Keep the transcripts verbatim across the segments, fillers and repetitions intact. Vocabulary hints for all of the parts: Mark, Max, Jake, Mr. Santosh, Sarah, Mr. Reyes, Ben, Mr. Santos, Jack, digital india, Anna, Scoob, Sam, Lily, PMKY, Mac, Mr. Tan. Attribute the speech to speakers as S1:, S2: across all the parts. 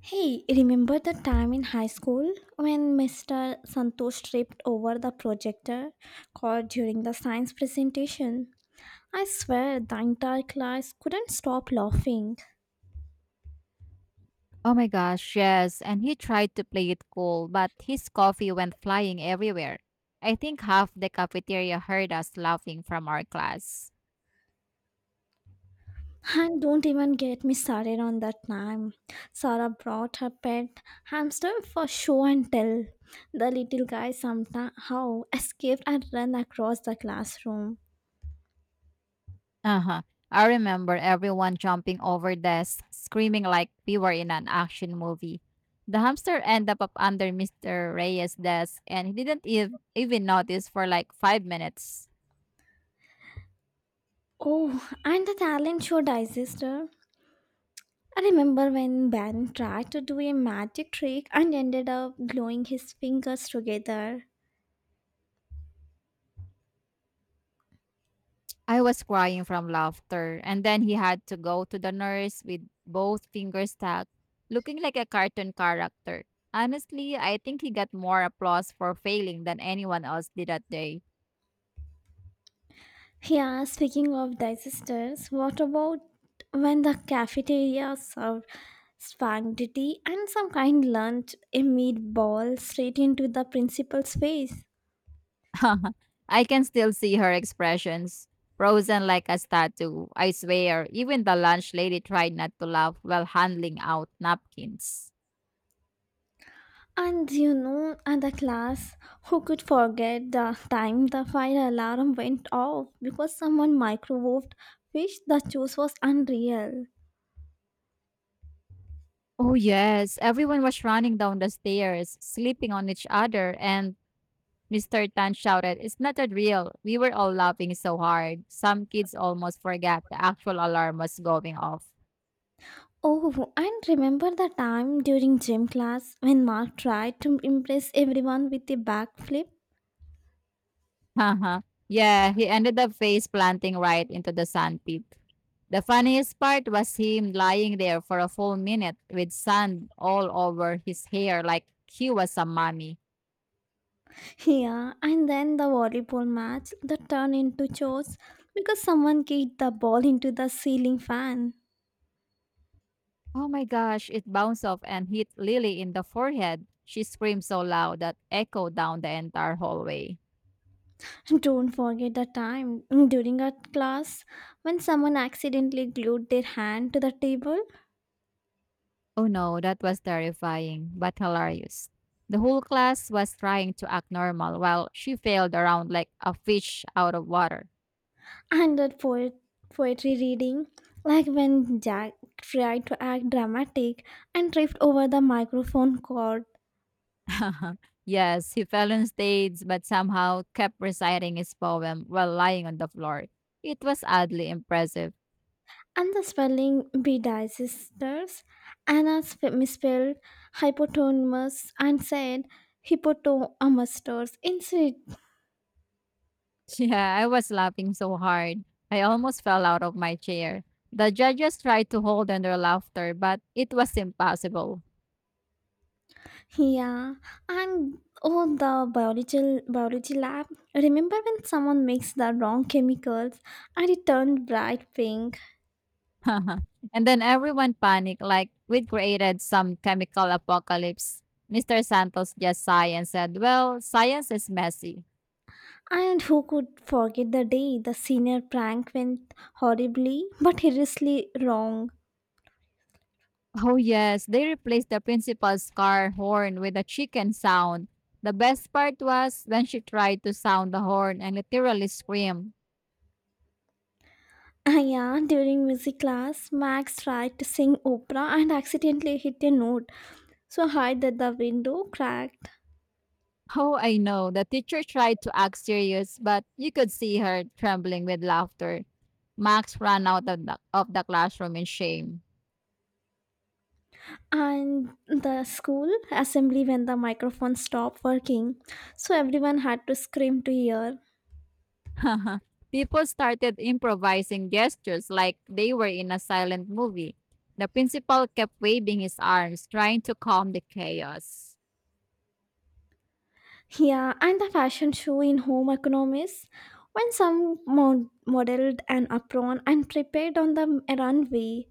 S1: Hey, remember the time in high school when Mister Santosh tripped over the projector cord during the science presentation? I swear the entire class couldn't stop laughing.
S2: Oh my gosh, yes. And he tried to play it cool, but his coffee went flying everywhere. I think half the cafeteria heard us laughing from our class.
S1: And don't even get me started on that time. Sarah brought her pet hamster for show and tell. The little guy somehow escaped and ran across the classroom.
S2: Uh huh. I remember everyone jumping over desks, screaming like we were in an action movie. The hamster ended up under mister Reyes' desk, and he didn't ev- even notice for like five minutes.
S1: Oh, and the talent show digester. I remember when Ben tried to do a magic trick and ended up glowing his fingers together.
S2: I was crying from laughter, and then he had to go to the nurse with both fingers stuck, looking like a cartoon character. Honestly, I think he got more applause for failing than anyone else did that day.
S1: Yeah, speaking of disasters, what about when the cafeteria served spaghetti and some kind lunch, a meatball, straight into the principal's face?
S2: I can still see her expressions, frozen like a statue. I swear, even the lunch lady tried not to laugh while handling out napkins.
S1: And you know, other class, who could forget the time the fire alarm went off because someone microwaved fish? The juice was unreal.
S2: Oh, yes. Everyone was running down the stairs, sleeping on each other, and mister Tan shouted, It's not a drill. We were all laughing so hard. Some kids almost forgot the actual alarm was going off.
S1: Oh, and remember the time during gym class when Mark tried to impress everyone with a backflip?
S2: Haha. Yeah, he ended up face planting right into the sandpit. The funniest part was him lying there for a full minute with sand all over his hair like he was a mummy.
S1: Yeah, and then the volleyball match that turned into chores because someone kicked the ball into the ceiling fan.
S2: Oh my gosh, it bounced off and hit Lily in the forehead. She screamed so loud that echoed down the entire hallway.
S1: Don't forget the time during our class when someone accidentally glued their hand to the table,
S2: Oh no, that was terrifying, but hilarious. The whole class was trying to act normal while she failed around like a fish out of water.
S1: and that poet- poetry reading, like when Jack tried to act dramatic and tripped over the microphone cord.
S2: Yes, he fell on stage, but somehow kept reciting his poem while lying on the floor. It was oddly impressive.
S1: And the spelling bedisastrous. Anna sp- misspelled hypotonymous and said hippotomasters instead.
S2: Yeah, I was laughing so hard. I almost fell out of my chair. The judges tried to hold in their laughter, but it was impossible.
S1: Yeah. And oh, the biology, biology lab. Remember when someone mixed the wrong chemicals and it turned bright pink?
S2: And then everyone panicked like we'd created some chemical apocalypse. mister Santos just sighed and said, Well, science is messy.
S1: And who could forget the day the senior prank went horribly but hideously wrong?
S2: Oh, yes, they replaced the principal's car horn with a chicken sound. The best part was when she tried to sound the horn and literally screamed.
S1: Ah, Yeah, during music class, Max tried to sing opera and accidentally hit a note so hard that the window cracked.
S2: Oh, I know. The teacher tried to act serious, but you could see her trembling with laughter. Max ran out of the, of the classroom in shame.
S1: And the school assembly when the microphone stopped working, so everyone had to scream to hear.
S2: People started improvising gestures like they were in a silent movie. The principal kept waving his arms, trying to calm the chaos.
S1: Yeah, and the fashion show in Home Economics when some mod- modeled an apron and prepared on the runway.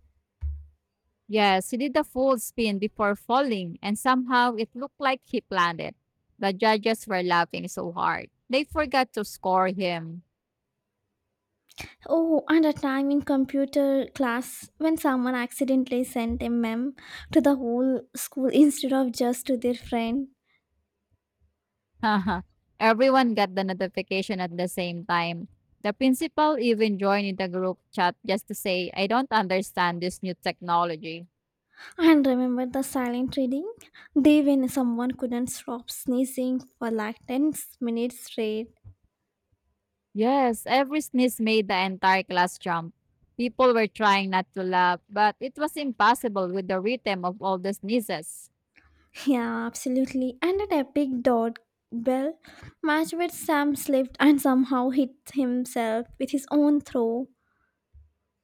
S2: Yes, he did a full spin before falling, and somehow it looked like he planned it. The judges were laughing so hard. They forgot to score him.
S1: Oh, and a time in computer class when someone accidentally sent a meme to the whole school instead of just to their friend.
S2: uh Everyone got the notification at the same time. The principal even joined in the group chat just to say, I don't understand this new technology.
S1: And remember the silent reading? They when someone couldn't stop sneezing for like ten minutes straight.
S2: Yes, every sneeze made the entire class jump. People were trying not to laugh, but it was impossible with the rhythm of all the sneezes.
S1: Yeah, absolutely. And an epic dot bell match where Sam slipped and somehow hit himself with his own throw.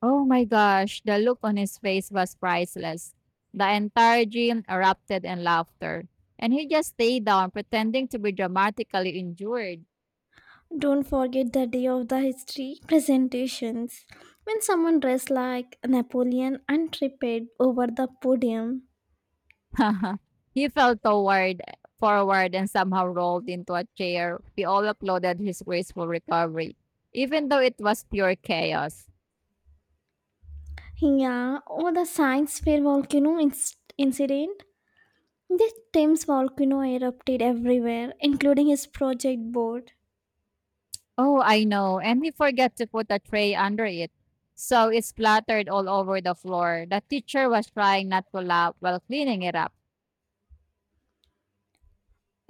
S2: Oh my gosh, the look on his face was priceless. The entire gym erupted in laughter, and he just stayed down pretending to be dramatically injured.
S1: Don't forget the day of the history presentations when someone dressed like Napoleon and tripped over the podium.
S2: He fell toward forward and somehow rolled into a chair. We all applauded his graceful recovery, even though it was pure chaos.
S1: Yeah, or the science fair volcano inc- incident. The Thames volcano erupted everywhere, including his project board.
S2: Oh, I know. And he forgot to put a tray under it. So it splattered all over the floor. The teacher was trying not to laugh while cleaning it up.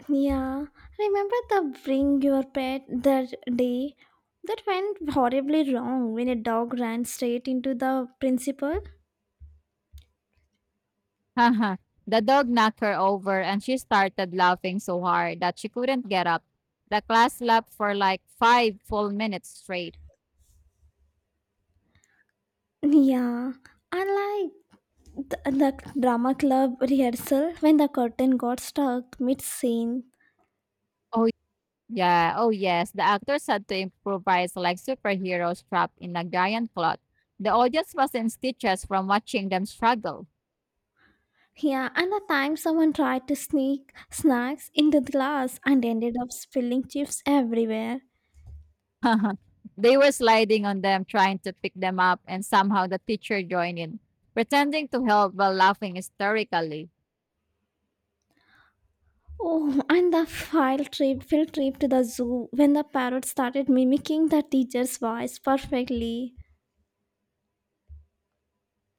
S1: Yeah, remember the bring your pet that day? That went horribly wrong when a dog ran straight into the principal?
S2: Haha. The dog knocked her over and she started laughing so hard that she couldn't get up. The class laughed for like five full minutes straight.
S1: Yeah, I The, the drama club rehearsal when the curtain got stuck mid scene.
S2: Oh, yeah, oh yes, the actors had to improvise like superheroes trapped in a giant plot. The audience was in stitches from watching them struggle.
S1: Yeah, and the time someone tried to sneak snacks into the glass and ended up spilling chips everywhere.
S2: They were sliding on them, trying to pick them up, and somehow the teacher joined in, pretending to help while laughing hysterically.
S1: Oh, and the field trip, field trip to the zoo when the parrot started mimicking the teacher's voice perfectly.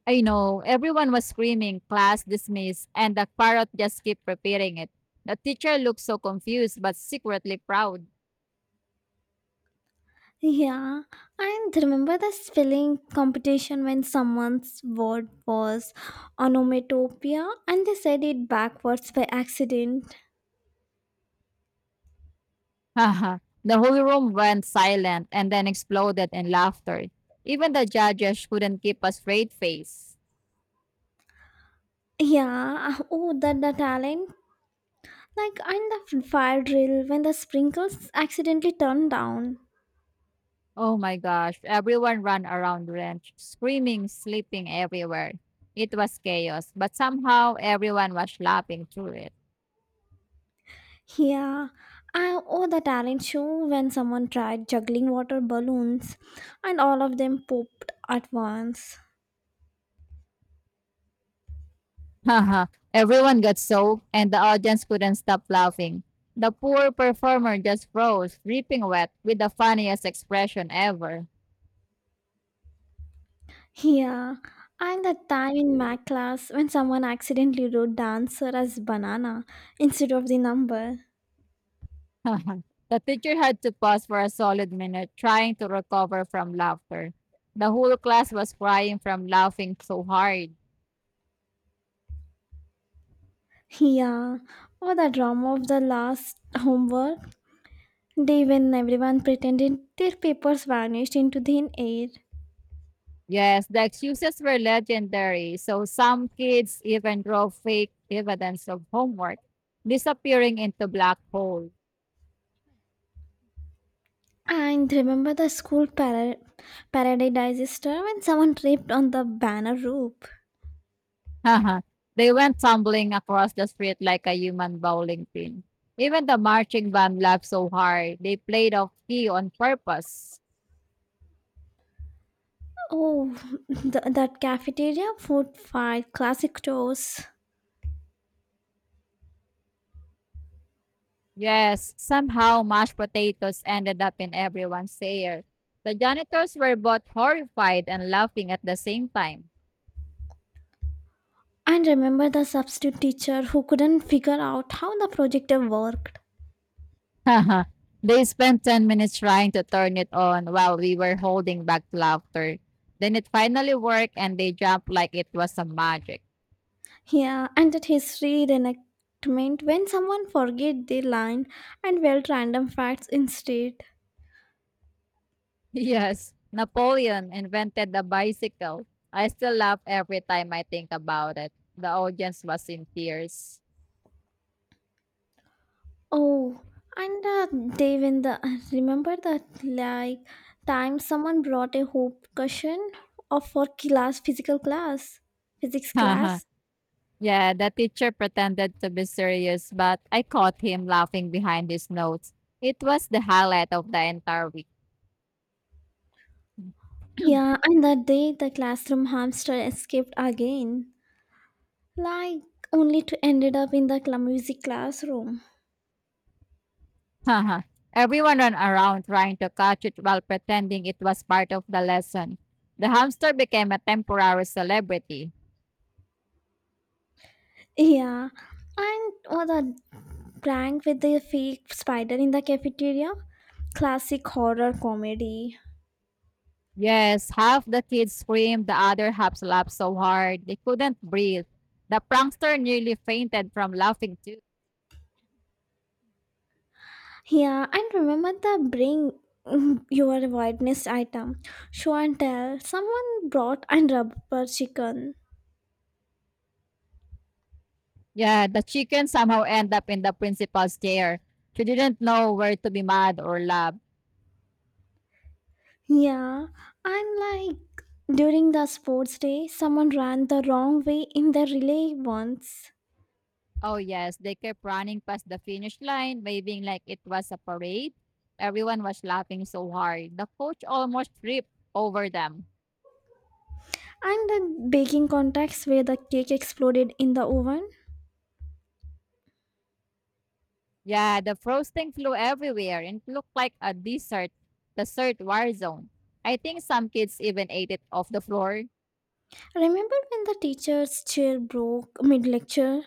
S2: I know, everyone was screaming, class dismissed, and the parrot just kept repeating it. The teacher looked so confused but secretly proud.
S1: Yeah, and remember the spelling competition when someone's word was onomatopoeia and they said it backwards by accident.
S2: Haha! The whole room went silent and then exploded in laughter. Even the judges couldn't keep a straight face.
S1: Yeah, oh, that the talent. Like in the fire drill when the sprinkles accidentally turn down.
S2: Oh my gosh, everyone ran around the ranch, screaming, sleeping everywhere. It was chaos, but somehow everyone was laughing through it.
S1: Yeah, I, oh, the talent show when someone tried juggling water balloons and all of them popped at once.
S2: Haha, everyone got soaked and the audience couldn't stop laughing. The poor performer just froze, dripping wet, with the funniest expression ever.
S1: Yeah, and the time in math class when someone accidentally wrote dancer as banana instead of the number.
S2: The teacher had to pause for a solid minute, trying to recover from laughter. The whole class was crying from laughing so hard.
S1: Yeah, or the drama of the last homework day when everyone pretended their papers vanished into thin air.
S2: Yes, the excuses were legendary, so some kids even drove fake evidence of homework, disappearing into black holes.
S1: And remember the school para- parade disaster when someone tripped on the banner rope?
S2: They went tumbling across the street like a human bowling pin. Even the marching band laughed so hard, they played off key on purpose.
S1: Oh, the, that cafeteria food fight, classic toast.
S2: Yes, somehow mashed potatoes ended up in everyone's ear. The janitors were both horrified and laughing at the same time.
S1: And remember the substitute teacher who couldn't figure out how the projector worked.
S2: They spent ten minutes trying to turn it on while we were holding back laughter. Then it finally worked and they jumped like it was a magic.
S1: Yeah, and that history reenactment when someone forget their line and felt random facts instead.
S2: Yes, Napoleon invented the bicycle. I still laugh every time I think about it. The audience was in tears.
S1: Oh, and uh, they when the remember that like time someone brought a hoop cushion of for class physical class physics
S2: Yeah,
S1: class.
S2: the teacher pretended to be serious, but I caught him laughing behind his notes. It was the highlight of the entire week.
S1: Yeah, and that day the classroom hamster escaped again, like only to ended up in the cla- music classroom.
S2: Haha. Everyone ran around trying to catch it while pretending it was part of the lesson. The hamster became a temporary celebrity.
S1: Yeah, and or the prank with the fake spider in the cafeteria, classic horror comedy.
S2: Yes, half the kids screamed, the other half laughed so hard they couldn't breathe. The prankster nearly fainted from laughing too.
S1: Yeah, and remember the bring your witness item. Show and tell. Someone brought and rubber chicken.
S2: Yeah, the chicken somehow ended up in the principal's chair. She didn't know where to be mad or laugh.
S1: Yeah, and like during the sports day, someone ran the wrong way in the relay once.
S2: Oh yes, they kept running past the finish line, waving like it was a parade. Everyone was laughing so hard. The coach almost tripped over them.
S1: And the baking contest where the cake exploded in the oven.
S2: Yeah, the frosting flew everywhere and looked like a desert, desert war zone. I think some kids even ate it off the floor.
S1: Remember when the teacher's chair broke mid lecture?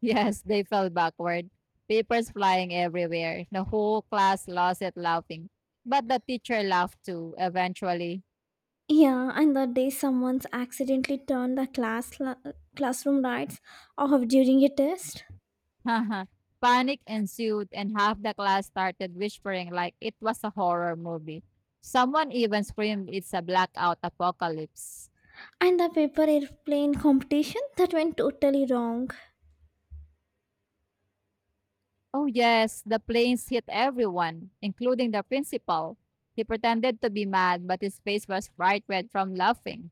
S2: Yes, they fell backward. Papers flying everywhere. The whole class lost it laughing. But the teacher laughed too, eventually.
S1: Yeah, and the day someone's accidentally turned the class la- classroom lights off during a test.
S2: Panic ensued, and half the class started whispering like it was a horror movie. Someone even screamed, It's a blackout apocalypse.
S1: And the paper airplane competition that went totally wrong.
S2: Oh, yes, the planes hit everyone, including the principal. He pretended to be mad, but his face was bright red from laughing.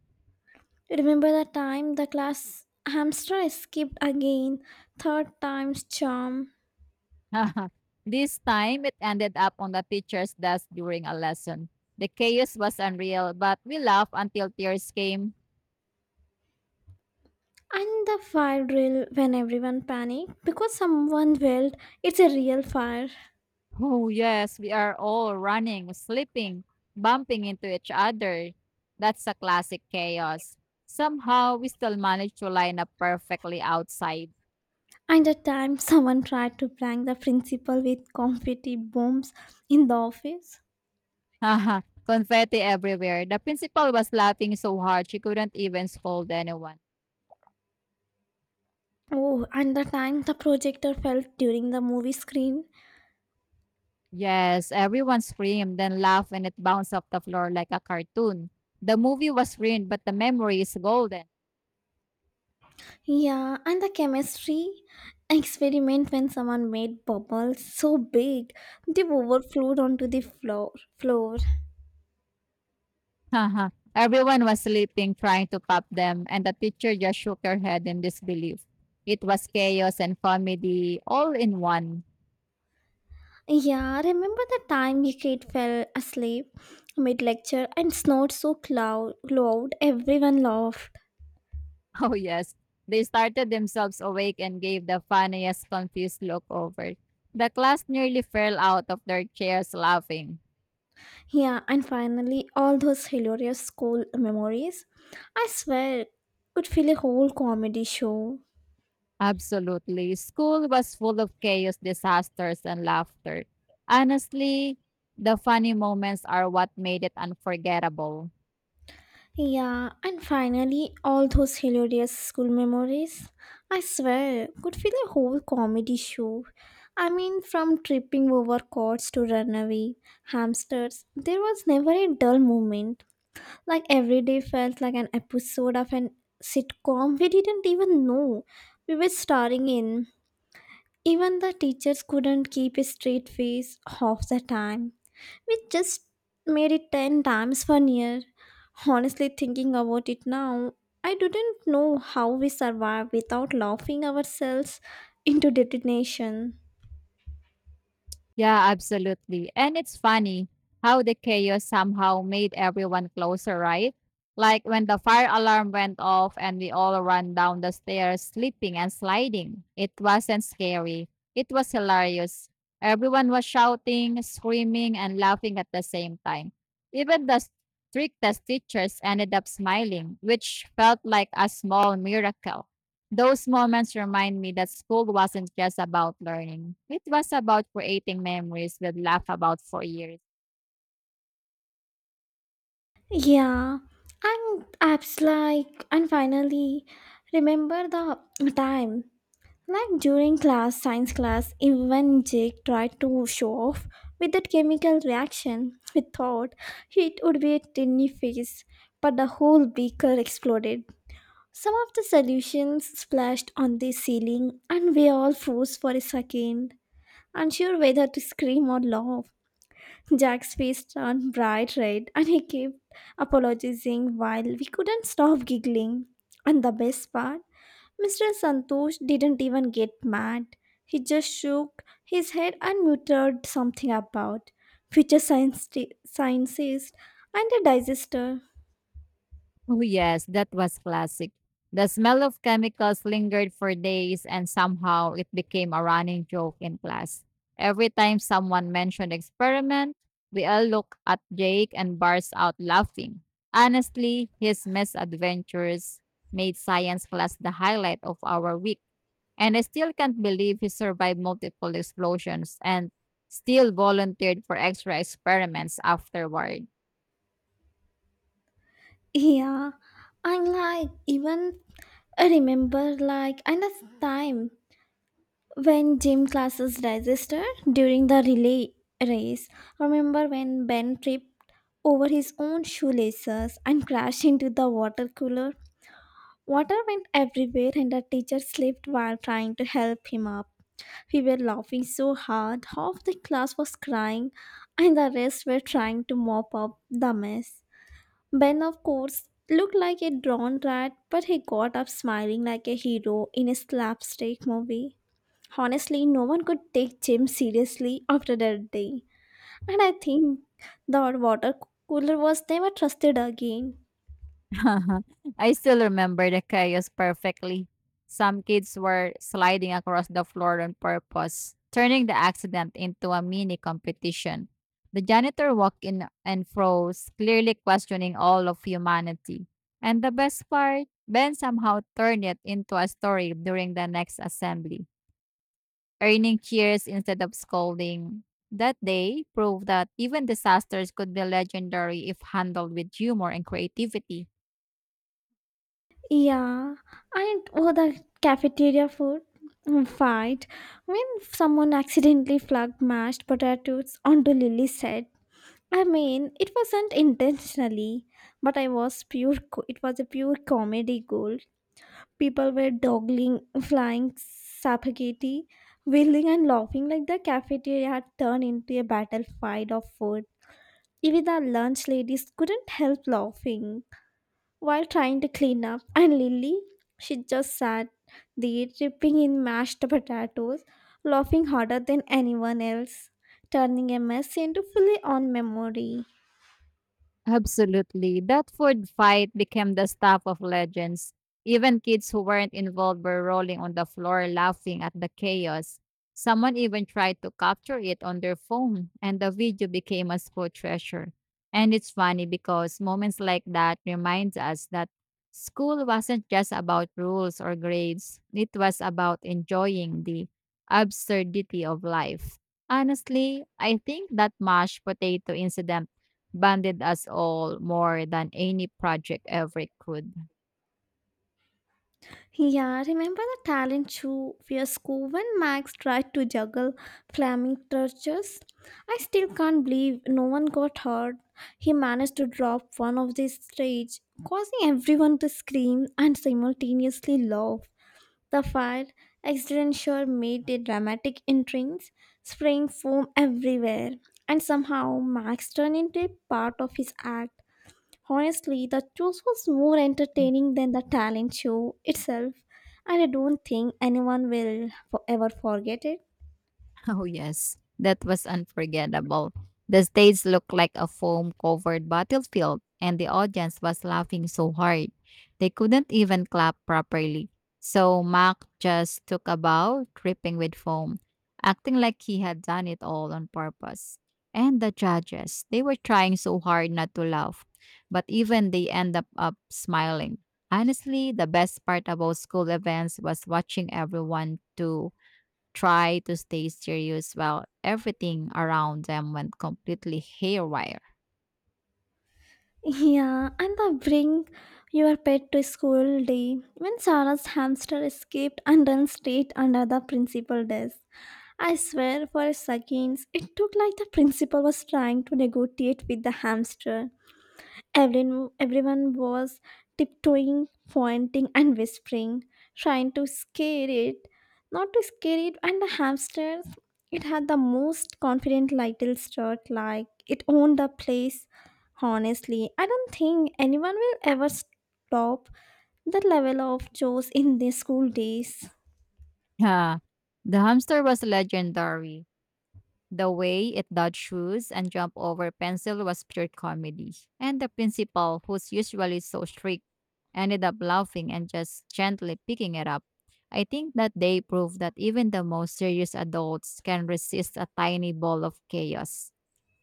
S1: Remember the time the class hamster escaped again, third time's charm.
S2: This time, it ended up on the teacher's desk during a lesson. The chaos was unreal, but we laughed until tears came.
S1: And the fire drill when everyone panicked because someone yelled, it's a real fire.
S2: Oh, yes, we are all running, slipping, bumping into each other. That's a classic chaos. Somehow, we still managed to line up perfectly outside.
S1: And the time someone tried to prank the principal with confetti bombs in the office.
S2: Haha. Confetti everywhere. The principal was laughing so hard she couldn't even scold anyone.
S1: Oh, and the time the projector fell during the movie screen.
S2: Yes, everyone screamed, then laughed, and it bounced off the floor like a cartoon. The movie was ruined, but the memory is golden.
S1: Yeah, and the chemistry experiment when someone made bubbles so big they overflowed onto the floor. Floor.
S2: Haha. Everyone was sleeping, trying to pop them, and the teacher just shook her head in disbelief. It was chaos and comedy all in one.
S1: Yeah, remember the time your kid fell asleep mid lecture and snored so cloud loud everyone laughed.
S2: Oh, yes. They started themselves awake and gave the funniest confused look over. The class nearly fell out of their chairs laughing.
S1: Yeah, and finally all those hilarious school memories. I swear, could fill a whole comedy show.
S2: Absolutely. School was full of chaos, disasters, and laughter. Honestly, the funny moments are what made it unforgettable.
S1: Yeah, and finally, all those hilarious school memories. I swear, could feel a whole comedy show. I mean, from tripping over cords to runaway hamsters, there was never a dull moment. Like every day felt like an episode of an sitcom we didn't even know we were starring in. Even the teachers couldn't keep a straight face half the time, which just made it ten times funnier. Honestly, thinking about it now, I didn't know how we survived without laughing ourselves into detonation.
S2: Yeah, absolutely. And it's funny how the chaos somehow made everyone closer, right? Like when the fire alarm went off and we all ran down the stairs, slipping and sliding. It wasn't scary, it was hilarious. Everyone was shouting, screaming, and laughing at the same time. Even the strictest teachers ended up smiling, which felt like a small miracle. Those moments remind me that school wasn't just about learning. It was about creating memories we'd laugh about for years.
S1: Yeah, and apps like, and finally, remember the time like during class, science class, even Jake tried to show off with that chemical reaction. We thought it would be a tiny face, but the whole beaker exploded. Some of the solutions splashed on the ceiling, and we all froze for a second, unsure whether to scream or laugh. Jack's face turned bright red and he kept apologizing while we couldn't stop giggling. And the best part, Mister Santosh didn't even get mad. He just shook his head and muttered something about future science sciences and a digester.
S2: Oh, yes, that was classic. The smell of chemicals lingered for days, and somehow it became a running joke in class. Every time someone mentioned experiment, we all look at Jake and burst out laughing. Honestly, his misadventures made science class the highlight of our week. And I still can't believe he survived multiple explosions and still volunteered for extra experiments afterward.
S1: Yeah, I'm like, even I remember like another time when gym classes register during the relay race, remember when Ben tripped over his own shoelaces and crashed into the water cooler? Water went everywhere, and the teacher slipped while trying to help him up. We were laughing so hard, half the class was crying, and the rest were trying to mop up the mess. Ben, of course, looked like a drawn rat, but he got up smiling like a hero in a slapstick movie. Honestly, no one could take Jim seriously after that day, and I think the water cooler was never trusted again.
S2: I still remember the chaos perfectly. Some kids were sliding across the floor on purpose, turning the accident into a mini competition. The janitor walked in and froze, clearly questioning all of humanity. And the best part, Ben somehow turned it into a story during the next assembly. Earning cheers instead of scolding. That day proved that even disasters could be legendary if handled with humor and creativity.
S1: Yeah, and oh, the cafeteria food fight when someone accidentally flung mashed potatoes onto Lily's head. I mean, it wasn't intentionally, but I was pure. co- It was a pure comedy gold. People were dawdling, flying spaghetti, whirling and laughing like the cafeteria had turned into a battlefield of food. Even the lunch ladies couldn't help laughing while trying to clean up, and Lily, she just sat there dipping in mashed potatoes, laughing harder than anyone else, turning a mess into fully on memory.
S2: Absolutely. That food fight became the stuff of legends. Even kids who weren't involved were rolling on the floor laughing at the chaos. Someone even tried to capture it on their phone, and the video became a school treasure. And it's funny because moments like that reminds us that school wasn't just about rules or grades. It was about enjoying the absurdity of life. Honestly, I think that mashed potato incident bonded us all more than any project ever could.
S1: Yeah, remember the talent show where Scoob and Max tried to juggle flaming torches? I still can't believe no one got hurt. He managed to drop one of the stage, causing everyone to scream and simultaneously laugh. The fire accident sure made a dramatic entrance, spraying foam everywhere, and somehow Max turned into a part of his act. Honestly, the choice was more entertaining than the talent show itself, and I don't think anyone will forever forget it.
S2: Oh, yes. That was unforgettable. The stage looked like a foam covered battlefield, and the audience was laughing so hard. They couldn't even clap properly. So Mac just took a bow, dripping with foam, acting like he had done it all on purpose. And the judges, they were trying so hard not to laugh, but even they end up, up smiling. Honestly, the best part about school events was watching everyone do try to stay serious while everything around them went completely haywire.
S1: Yeah, and the bring your pet to school day when Sarah's hamster escaped and ran straight under the principal desk. I swear for a second, it took like the principal was trying to negotiate with the hamster. Everyone, everyone was tiptoeing, pointing, and whispering, trying to scare it. Not to scare it, and the hamsters, it had the most confident little strut, like it owned the place. Honestly, I don't think anyone will ever stop the level of joes in their school days.
S2: Yeah. The hamster was legendary. The way it dodged shoes and jumped over pencil was pure comedy. And the principal, who's usually so strict, ended up laughing and just gently picking it up. I think that they proved that even the most serious adults can resist a tiny ball of chaos.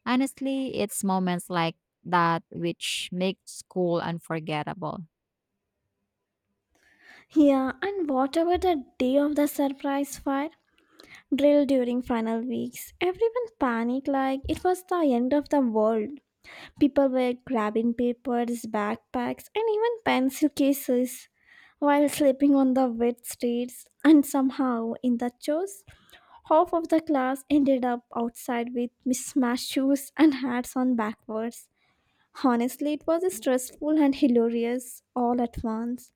S2: Honestly, it's moments like that which make school unforgettable.
S1: Yeah, and whatever the day of the surprise fire drill during final weeks, everyone panicked like it was the end of the world. People were grabbing papers, backpacks, and even pencil cases while sleeping on the wet streets. And somehow, in the chores, half of the class ended up outside with mismatched shoes and hats on backwards. Honestly, it was stressful and hilarious all at once.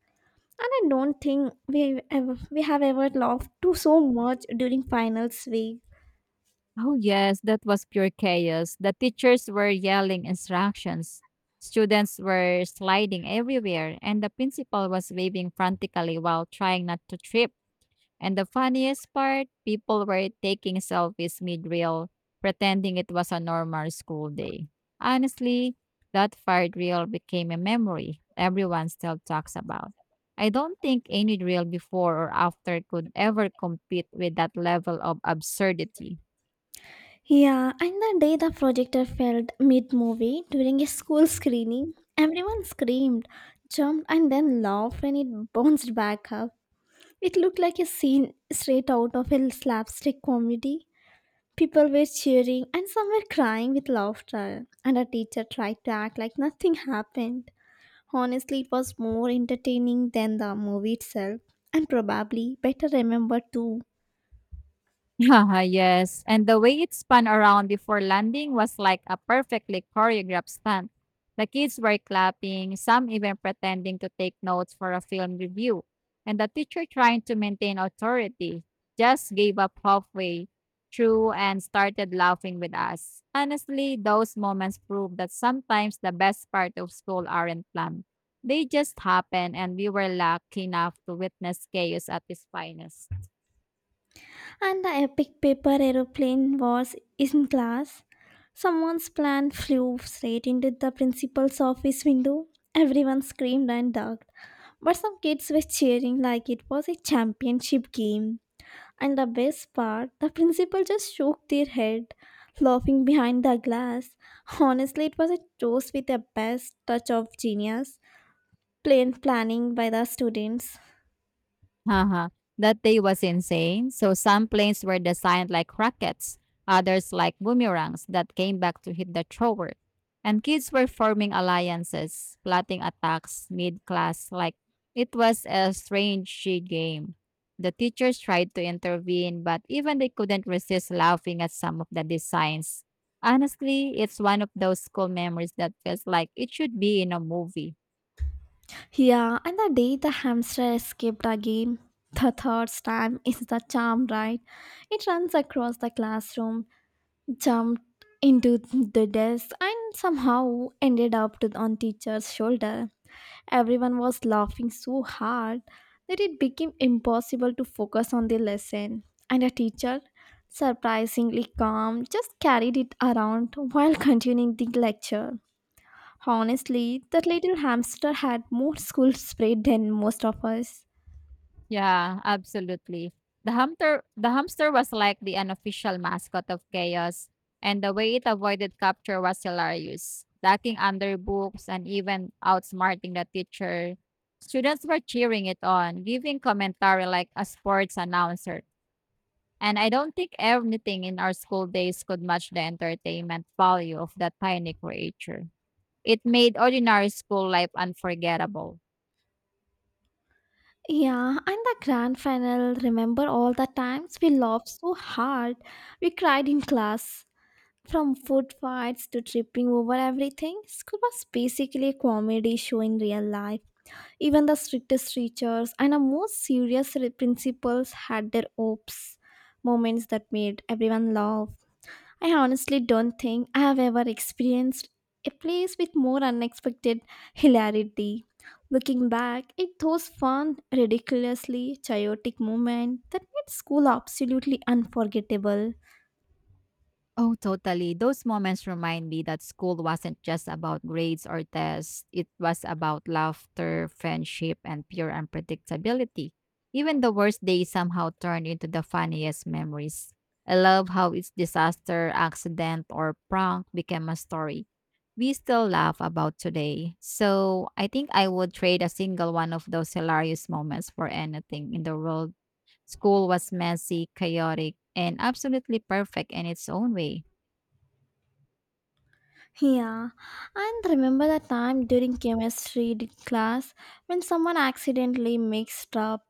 S1: And I don't think we ever we have ever laughed too so much during finals week.
S2: Oh, yes, that was pure chaos. The teachers were yelling instructions, students were sliding everywhere, and the principal was waving frantically while trying not to trip. And the funniest part, people were taking selfies mid-reel, pretending it was a normal school day. Honestly, that fired reel became a memory everyone still talks about. I don't think any reel before or after could ever compete with that level of absurdity.
S1: Yeah, and the day the projector failed mid movie during a school screening, everyone screamed, jumped, and then laughed when it bounced back up. It looked like a scene straight out of a slapstick comedy. People were cheering and some were crying with laughter, and a teacher tried to act like nothing happened. Honestly, it was more entertaining than the movie itself, and probably better remembered too.
S2: Haha, yes, and the way it spun around before landing was like a perfectly choreographed stunt. The kids were clapping, some even pretending to take notes for a film review, and the teacher trying to maintain authority just gave up halfway through and started laughing with us. Honestly, those moments prove that sometimes the best part of school aren't planned. They just happen and we were lucky enough to witness chaos at its finest.
S1: And the epic paper aeroplane was in class. Someone's plan flew straight into the principal's office window. Everyone screamed and ducked. But some kids were cheering like it was a championship game. And the best part, the principal just shook their head, laughing behind the glass. Honestly, it was a toast with a best touch of genius, plain planning by the students.
S2: Uh-huh. That day was insane. So some planes were designed like rockets, others like boomerangs that came back to hit the thrower. And kids were forming alliances, plotting attacks mid-class like it was a strange game. The teachers tried to intervene, but even they couldn't resist laughing at some of the designs. Honestly, it's one of those school memories that feels like it should be in a movie.
S1: Yeah, and the day the hamster escaped again, the third time is the charm, right? It runs across the classroom, jumped into the desk, and somehow ended up to, on teacher's shoulder. Everyone was laughing so hard that it became impossible to focus on the lesson. And the teacher, surprisingly calm, just carried it around while continuing the lecture. Honestly, that little hamster had more school spirit than most of us.
S2: Yeah, absolutely. The hamster the hamster was like the unofficial mascot of chaos, and the way it avoided capture was hilarious, ducking under books and even outsmarting the teacher. Students were cheering it on, giving commentary like a sports announcer. And I don't think anything in our school days could match the entertainment value of that tiny creature. It made ordinary school life unforgettable.
S1: Yeah, and the grand final, remember all the times we laughed so hard. We cried in class. From food fights to tripping over everything, school was basically a comedy show in real life. Even the strictest teachers and the most serious re- principals had their oops moments that made everyone laugh. I honestly don't think I have ever experienced a place with more unexpected hilarity. Looking back, it those fun, ridiculously chaotic moments that made school absolutely unforgettable.
S2: Oh, totally. Those moments remind me that school wasn't just about grades or tests, it was about laughter, friendship, and pure unpredictability. Even the worst days somehow turned into the funniest memories. I love how each disaster, accident, or prank became a story we still laugh about today. So I think I would trade a single one of those hilarious moments for anything in the world. School was messy, chaotic, and absolutely perfect in its own way.
S1: Yeah, and remember the time during chemistry di- class when someone accidentally mixed up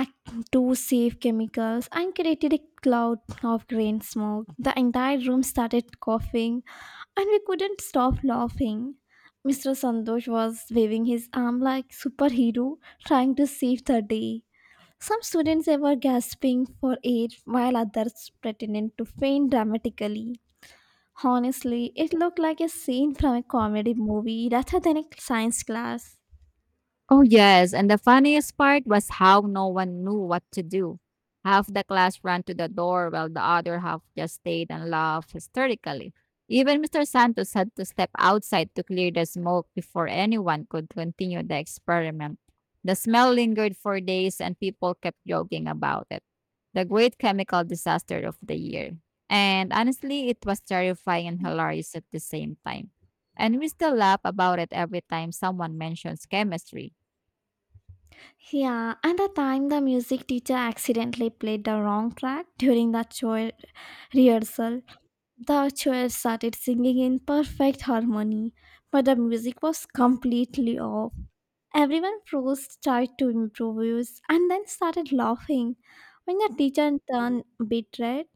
S1: ac- two safe chemicals and created a cloud of green smoke. The entire room started coughing and we couldn't stop laughing. mister Sandosh was waving his arm like superhero, trying to save the day. Some students were gasping for air while others pretended to faint dramatically. Honestly, it looked like a scene from a comedy movie rather than a science class.
S2: Oh, yes. And the funniest part was how no one knew what to do. Half the class ran to the door while the other half just stayed and laughed hysterically. Even mister Santos had to step outside to clear the smoke before anyone could continue the experiment. The smell lingered for days and people kept joking about it. The great chemical disaster of the year. And honestly, it was terrifying and hilarious at the same time. And we still laugh about it every time someone mentions chemistry.
S1: Yeah, and the time the music teacher accidentally played the wrong track during the choir rehearsal, the choir started singing in perfect harmony, but the music was completely off. Everyone froze, tried to improvise, and then started laughing. When the teacher turned bit red,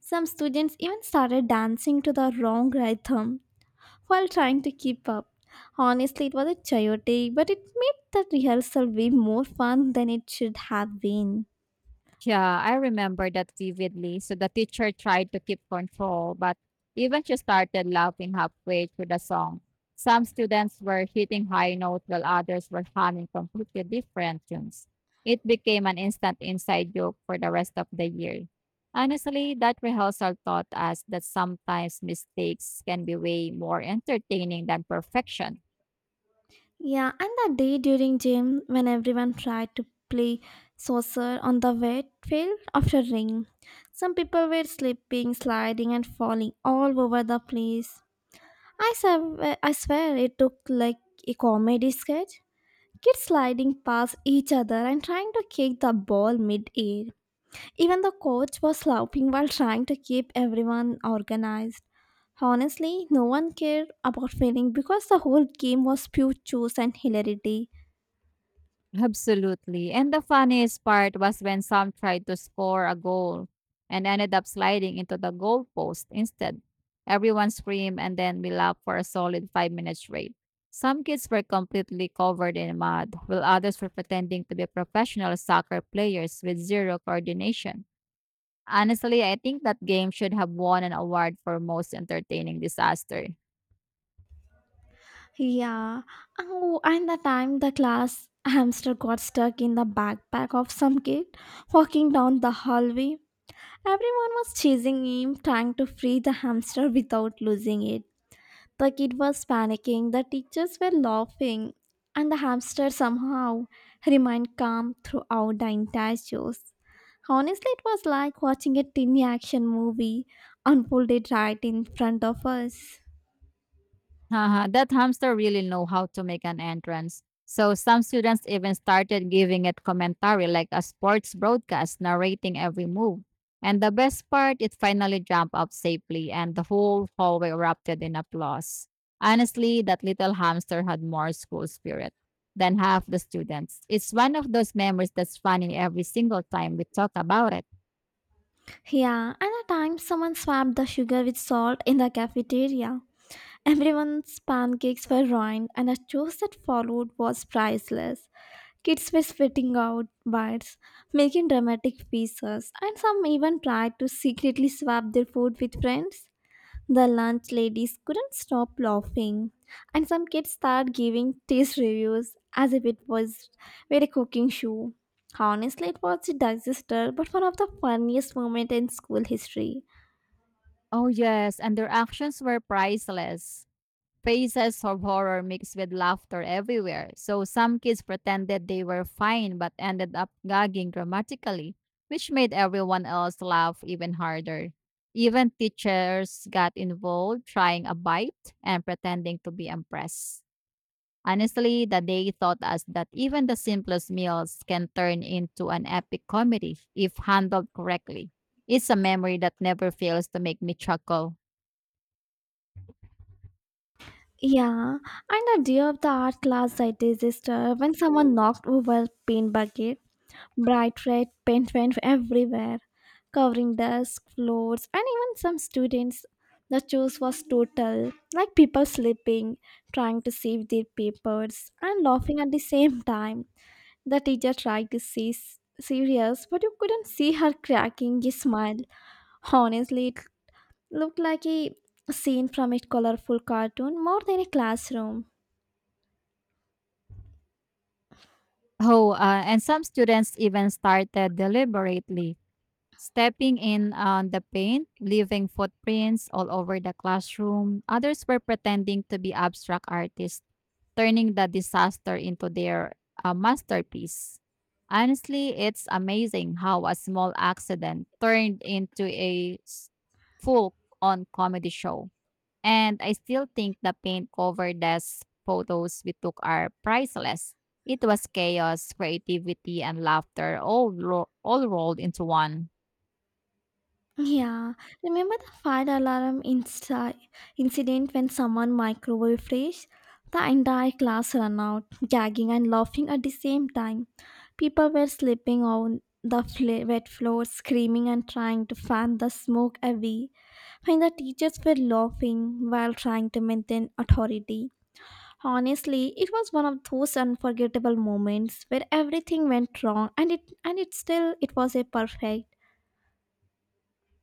S1: some students even started dancing to the wrong rhythm while trying to keep up. Honestly, it was a chaotic, but it made the rehearsal way more fun than it should have been.
S2: Yeah, I remember that vividly. So the teacher tried to keep control, but even she started laughing halfway through the song. Some students were hitting high notes while others were humming completely different tunes. It became an instant inside joke for the rest of the year. Honestly, that rehearsal taught us that sometimes mistakes can be way more entertaining than perfection.
S1: Yeah, and that day during gym when everyone tried to play saucer on the wet field after rain. Some people were slipping, sliding, and falling all over the place. I swear, I swear it took like a comedy sketch. Kids sliding past each other and trying to kick the ball mid-air. Even the coach was laughing while trying to keep everyone organized. Honestly, no one cared about winning because the whole game was pure choice and hilarity.
S2: Absolutely. And the funniest part was when some tried to score a goal and ended up sliding into the goalpost instead. Everyone screamed and then we laughed for a solid five minute straight. Some kids were completely covered in mud, while others were pretending to be professional soccer players with zero coordination. Honestly, I think that game should have won an award for most entertaining disaster.
S1: Yeah. Oh, and the time the class hamster got stuck in the backpack of some kid walking down the hallway. Everyone was chasing him, trying to free the hamster without losing it. The kid was panicking, the teachers were laughing, and the hamster somehow remained calm throughout the entire show. Honestly, it was like watching a tiny action movie unfolded right in front of us.
S2: Haha, that hamster really know how to make an entrance. So some students even started giving it commentary like a sports broadcast, narrating every move. And the best part, it finally jumped up safely and the whole hallway erupted in applause. Honestly, that little hamster had more school spirit than half the students. It's one of those memories that's funny every single time we talk about it.
S1: Yeah, and at times someone swapped the sugar with salt in the cafeteria. Everyone's pancakes were ruined, and the chose that followed was priceless. Kids were spitting out bites, making dramatic faces, and some even tried to secretly swap their food with friends. The lunch ladies couldn't stop laughing, and some kids started giving taste reviews as if it was were a cooking show. Honestly, it was a disaster, but one of the funniest moments in school history.
S2: Oh yes, and their actions were priceless. Faces of horror mixed with laughter everywhere. So some kids pretended they were fine but ended up gagging dramatically, which made everyone else laugh even harder. Even teachers got involved trying a bite and pretending to be impressed. Honestly, the day taught us that even the simplest meals can turn into an epic comedy if handled correctly. It's a memory that never fails to make me chuckle.
S1: Yeah, and the day of the art class I disaster when someone knocked over a paint bucket. Bright red paint went everywhere, covering desks, floors, and even some students. The chaos was total, like people sleeping, trying to save their papers, and laughing at the same time. The teacher tried to seem serious, but you couldn't see her cracking a smile. Honestly, it looked like a scene from a colorful cartoon more than a classroom.
S2: Oh, uh, and some students even started deliberately stepping in on the paint, leaving footprints all over the classroom. Others were pretending to be abstract artists turning the disaster into their uh, masterpiece. Honestly, it's amazing how a small accident turned into a full on comedy show. And I still think the paint covered desk photos we took are priceless. It was chaos, creativity, and laughter all, ro- all rolled into one.
S1: Yeah, remember the fire alarm inci- incident when someone microwave fresh? The entire class ran out, gagging and laughing at the same time. People were slipping on the fl- wet floor, screaming and trying to fan the smoke away. When the teachers were laughing while trying to maintain authority. Honestly, it was one of those unforgettable moments where everything went wrong and it and it still it was a perfect.